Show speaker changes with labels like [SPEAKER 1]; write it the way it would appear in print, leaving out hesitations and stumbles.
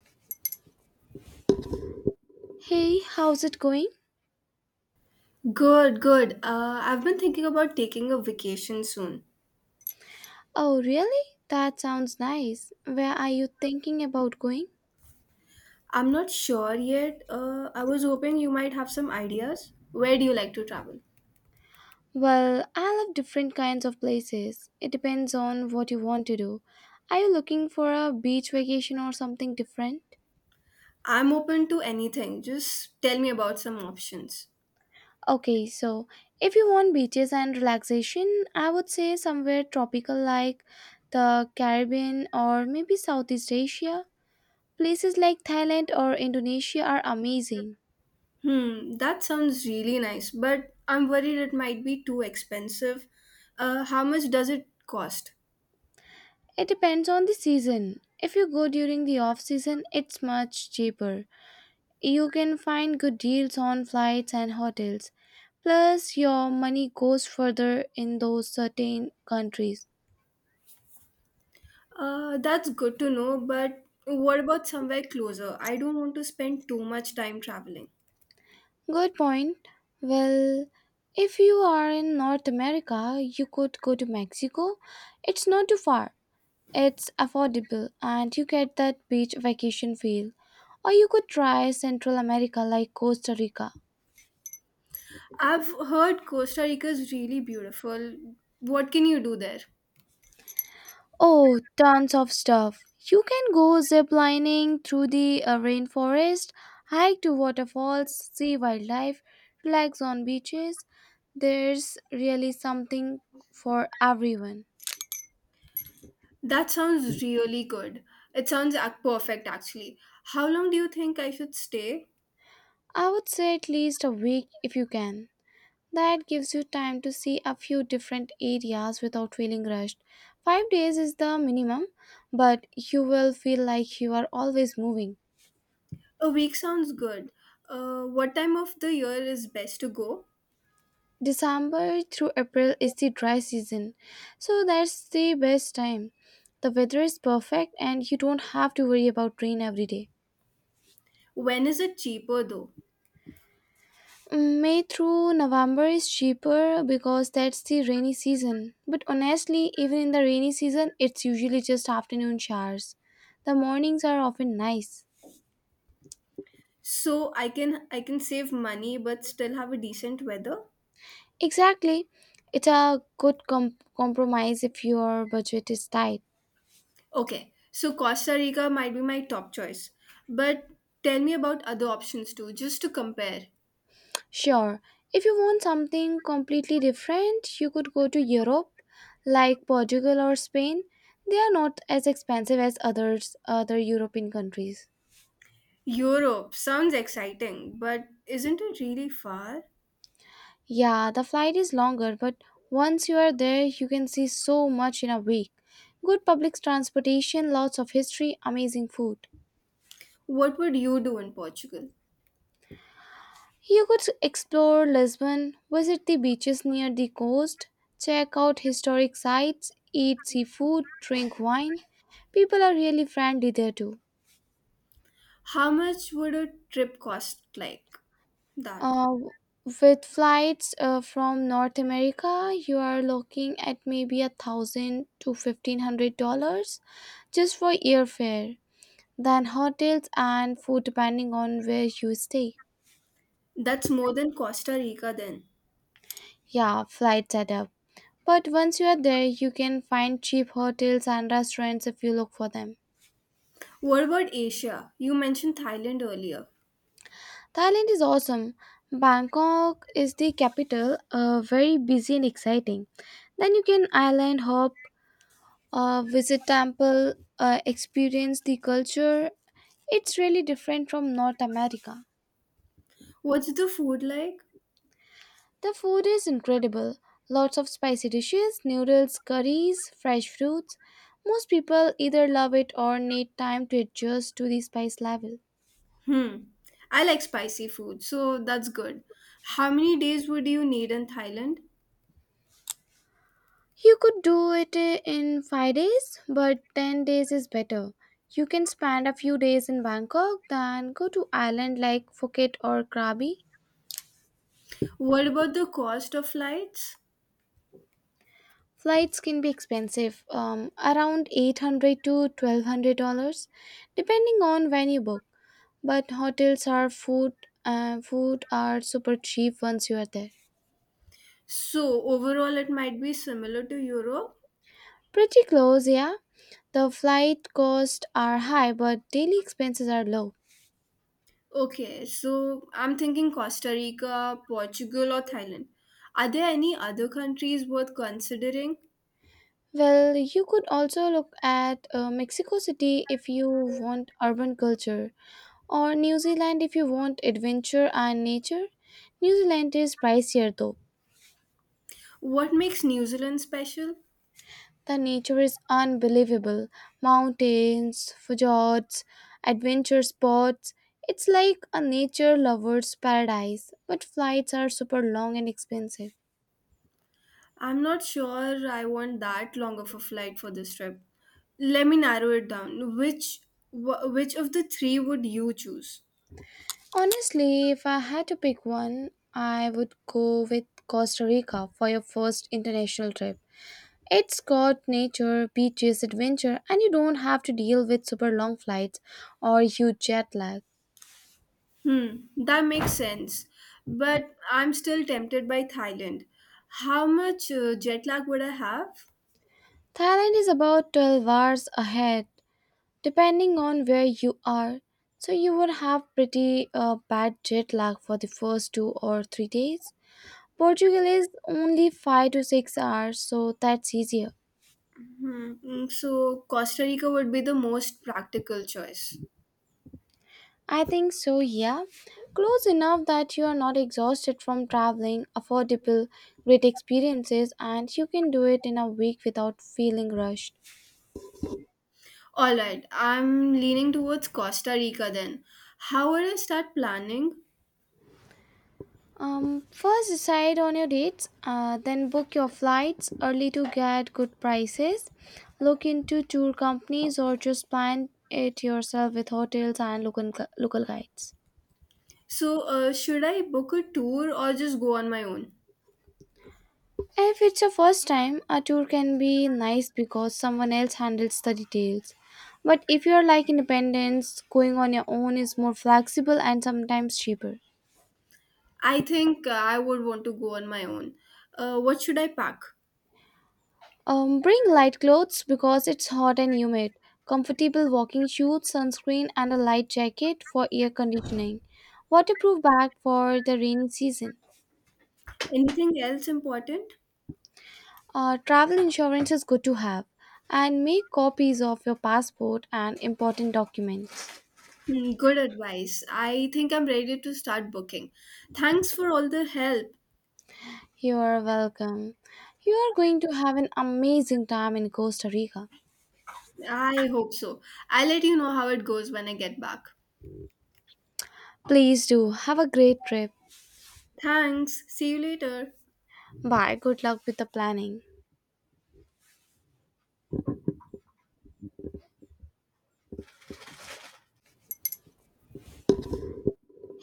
[SPEAKER 1] Hey, how's it going?
[SPEAKER 2] Good, good. I've been thinking about taking a vacation soon.
[SPEAKER 1] Oh, really? That sounds nice. Where are you thinking about going?
[SPEAKER 2] I'm not sure yet. I was hoping you might have some ideas. Where do you like to travel?
[SPEAKER 1] Well, I love different kinds of places. It depends on what you want to do. Are you looking for a beach vacation or something different?
[SPEAKER 2] I'm open to anything. Just tell me about some options.
[SPEAKER 1] Okay, so if you want beaches and relaxation, I would say somewhere tropical like the Caribbean or maybe Southeast Asia. Places like Thailand or Indonesia are amazing.
[SPEAKER 2] Hmm, that sounds really nice, but I'm worried it might be too expensive. How much does it cost?
[SPEAKER 1] It depends on the season. If you go during the off season, it's much cheaper. You can find good deals on flights and hotels. Plus, your money goes further in those certain countries.
[SPEAKER 2] That's good to know, but what about somewhere closer? I don't want to spend too much time traveling.
[SPEAKER 1] Good point. Well, if you are in North America, you could go to Mexico. It's not too far, it's affordable, and you get that beach vacation feel. Or you could try Central America like Costa Rica.
[SPEAKER 2] I've heard Costa Rica is really beautiful. What can you do there?
[SPEAKER 1] Oh, tons of stuff. You can go zip lining through the rainforest, hike to waterfalls, see wildlife, relax on beaches. There's really something for everyone.
[SPEAKER 2] That sounds really good. It sounds perfect actually. How long do you think I should stay?
[SPEAKER 1] I would say at least a week if you can. That gives you time to see a few different areas without feeling rushed. 5 days is the minimum, but you will feel like you are always moving.
[SPEAKER 2] A week sounds good. What time of the year is best to go?
[SPEAKER 1] December through April is the dry season, so that's the best time. The weather is perfect and you don't have to worry about rain every day.
[SPEAKER 2] When is it cheaper though?
[SPEAKER 1] May through November is cheaper because that's the rainy season. But honestly, even in the rainy season, it's usually just afternoon showers. The mornings are often nice.
[SPEAKER 2] So I can save money but still have a decent weather?
[SPEAKER 1] Exactly. It's a good compromise if your budget is tight.
[SPEAKER 2] Okay. So Costa Rica might be my top choice. But tell me about other options too just to compare.
[SPEAKER 1] Sure, if you want something completely different, you could go to Europe, like Portugal or Spain. They are not as expensive as other European countries.
[SPEAKER 2] Europe sounds exciting, but isn't it really far?
[SPEAKER 1] Yeah, the flight is longer, but once you are there, you can see so much in a week. Good public transportation, lots of history, amazing food.
[SPEAKER 2] What would you do in Portugal?
[SPEAKER 1] You could explore Lisbon, visit the beaches near the coast, check out historic sites, eat seafood, drink wine. People are really friendly there too.
[SPEAKER 2] How much would a trip cost like that?
[SPEAKER 1] Uh, with flights from North America, you are looking at maybe $1,000 to $1,500 just for airfare, then hotels and food depending on where you stay.
[SPEAKER 2] That's more than Costa Rica then.
[SPEAKER 1] Yeah, flights add up. But once you are there, you can find cheap hotels and restaurants if you look for them.
[SPEAKER 2] What about Asia? You mentioned Thailand earlier.
[SPEAKER 1] Thailand is awesome. Bangkok is the capital, very busy and exciting. Then you can island hop, visit temple, experience the culture. It's really different from North America.
[SPEAKER 2] What's the food like?
[SPEAKER 1] The food is incredible. Lots of spicy dishes, noodles, curries, fresh fruits. Most people either love it or need time to adjust to the spice level.
[SPEAKER 2] Hmm. I like spicy food, so that's good. How many days would you need in Thailand?
[SPEAKER 1] You could do it in 5 days, but 10 days is better. You can spend a few days in Bangkok, then go to island like Phuket or Krabi.
[SPEAKER 2] What about the cost of flights?
[SPEAKER 1] Flights can be expensive, around 800 to 1200 dollars depending on when you book. But hotels are food food are super cheap once you are there.
[SPEAKER 2] So, overall, it might be similar to Europe.
[SPEAKER 1] Pretty close, yeah. The flight costs are high, but daily expenses are low.
[SPEAKER 2] Okay, so I'm thinking Costa Rica, Portugal, or Thailand. Are there any other countries worth considering?
[SPEAKER 1] Well, you could also look at Mexico City if you want urban culture, or New Zealand if you want adventure and nature. New Zealand is pricier though.
[SPEAKER 2] What makes New Zealand special?
[SPEAKER 1] The nature is unbelievable mountains, fjords, adventure spots. It's like a nature lover's paradise, but flights are super long and expensive.
[SPEAKER 2] I'm not sure I want that long of a flight for this trip. Let me narrow it down. Which which of the three would you choose?
[SPEAKER 1] Honestly, if I had to pick one, I would go with Costa Rica for your first international trip. It's got nature, beaches, adventure, and you don't have to deal with super long flights or huge jet lag.
[SPEAKER 2] Hmm, that makes sense. But I'm still tempted by Thailand. How much jet lag would I have?
[SPEAKER 1] Thailand is about 12 hours ahead, depending on where you are, so you would have pretty bad jet lag for the first 2 or 3 days. Portugal is only 5 to 6 hours, so that's easier.
[SPEAKER 2] Hmm, mm, so Costa Rica would be the most practical choice.
[SPEAKER 1] I think so, yeah. Close enough that you are not exhausted from traveling, affordable, great experiences, and you can do it in a week without feeling rushed.
[SPEAKER 2] All right, I'm leaning towards Costa Rica then. How would I start planning?
[SPEAKER 1] First decide on your dates, then book your flights early to get good prices. Look into tour companies or just plan it yourself with hotels and local guides.
[SPEAKER 2] So, should I book a tour or just go on my own?
[SPEAKER 1] If it's your first time, a tour can be nice because someone else handles the details. But if you're like independence, going on your own is more flexible and sometimes cheaper.
[SPEAKER 2] I think I would want to go on my own. What should I pack?
[SPEAKER 1] Bring light clothes because it's hot and humid, comfortable walking shoes, sunscreen, and a light jacket for air conditioning, waterproof bag for the rainy season.
[SPEAKER 2] Anything else important?
[SPEAKER 1] Travel insurance is good to have, and make copies of your passport and important documents.
[SPEAKER 2] Hmm, good advice. I think I'm ready to start booking. Thanks for all the help.
[SPEAKER 1] You are welcome. You are going to have an amazing time in Costa Rica.
[SPEAKER 2] I hope so. I'll let you know how it goes when I get back.
[SPEAKER 1] Please do have a great trip.
[SPEAKER 2] Thanks. See you later.
[SPEAKER 1] Bye. Good luck with the planning.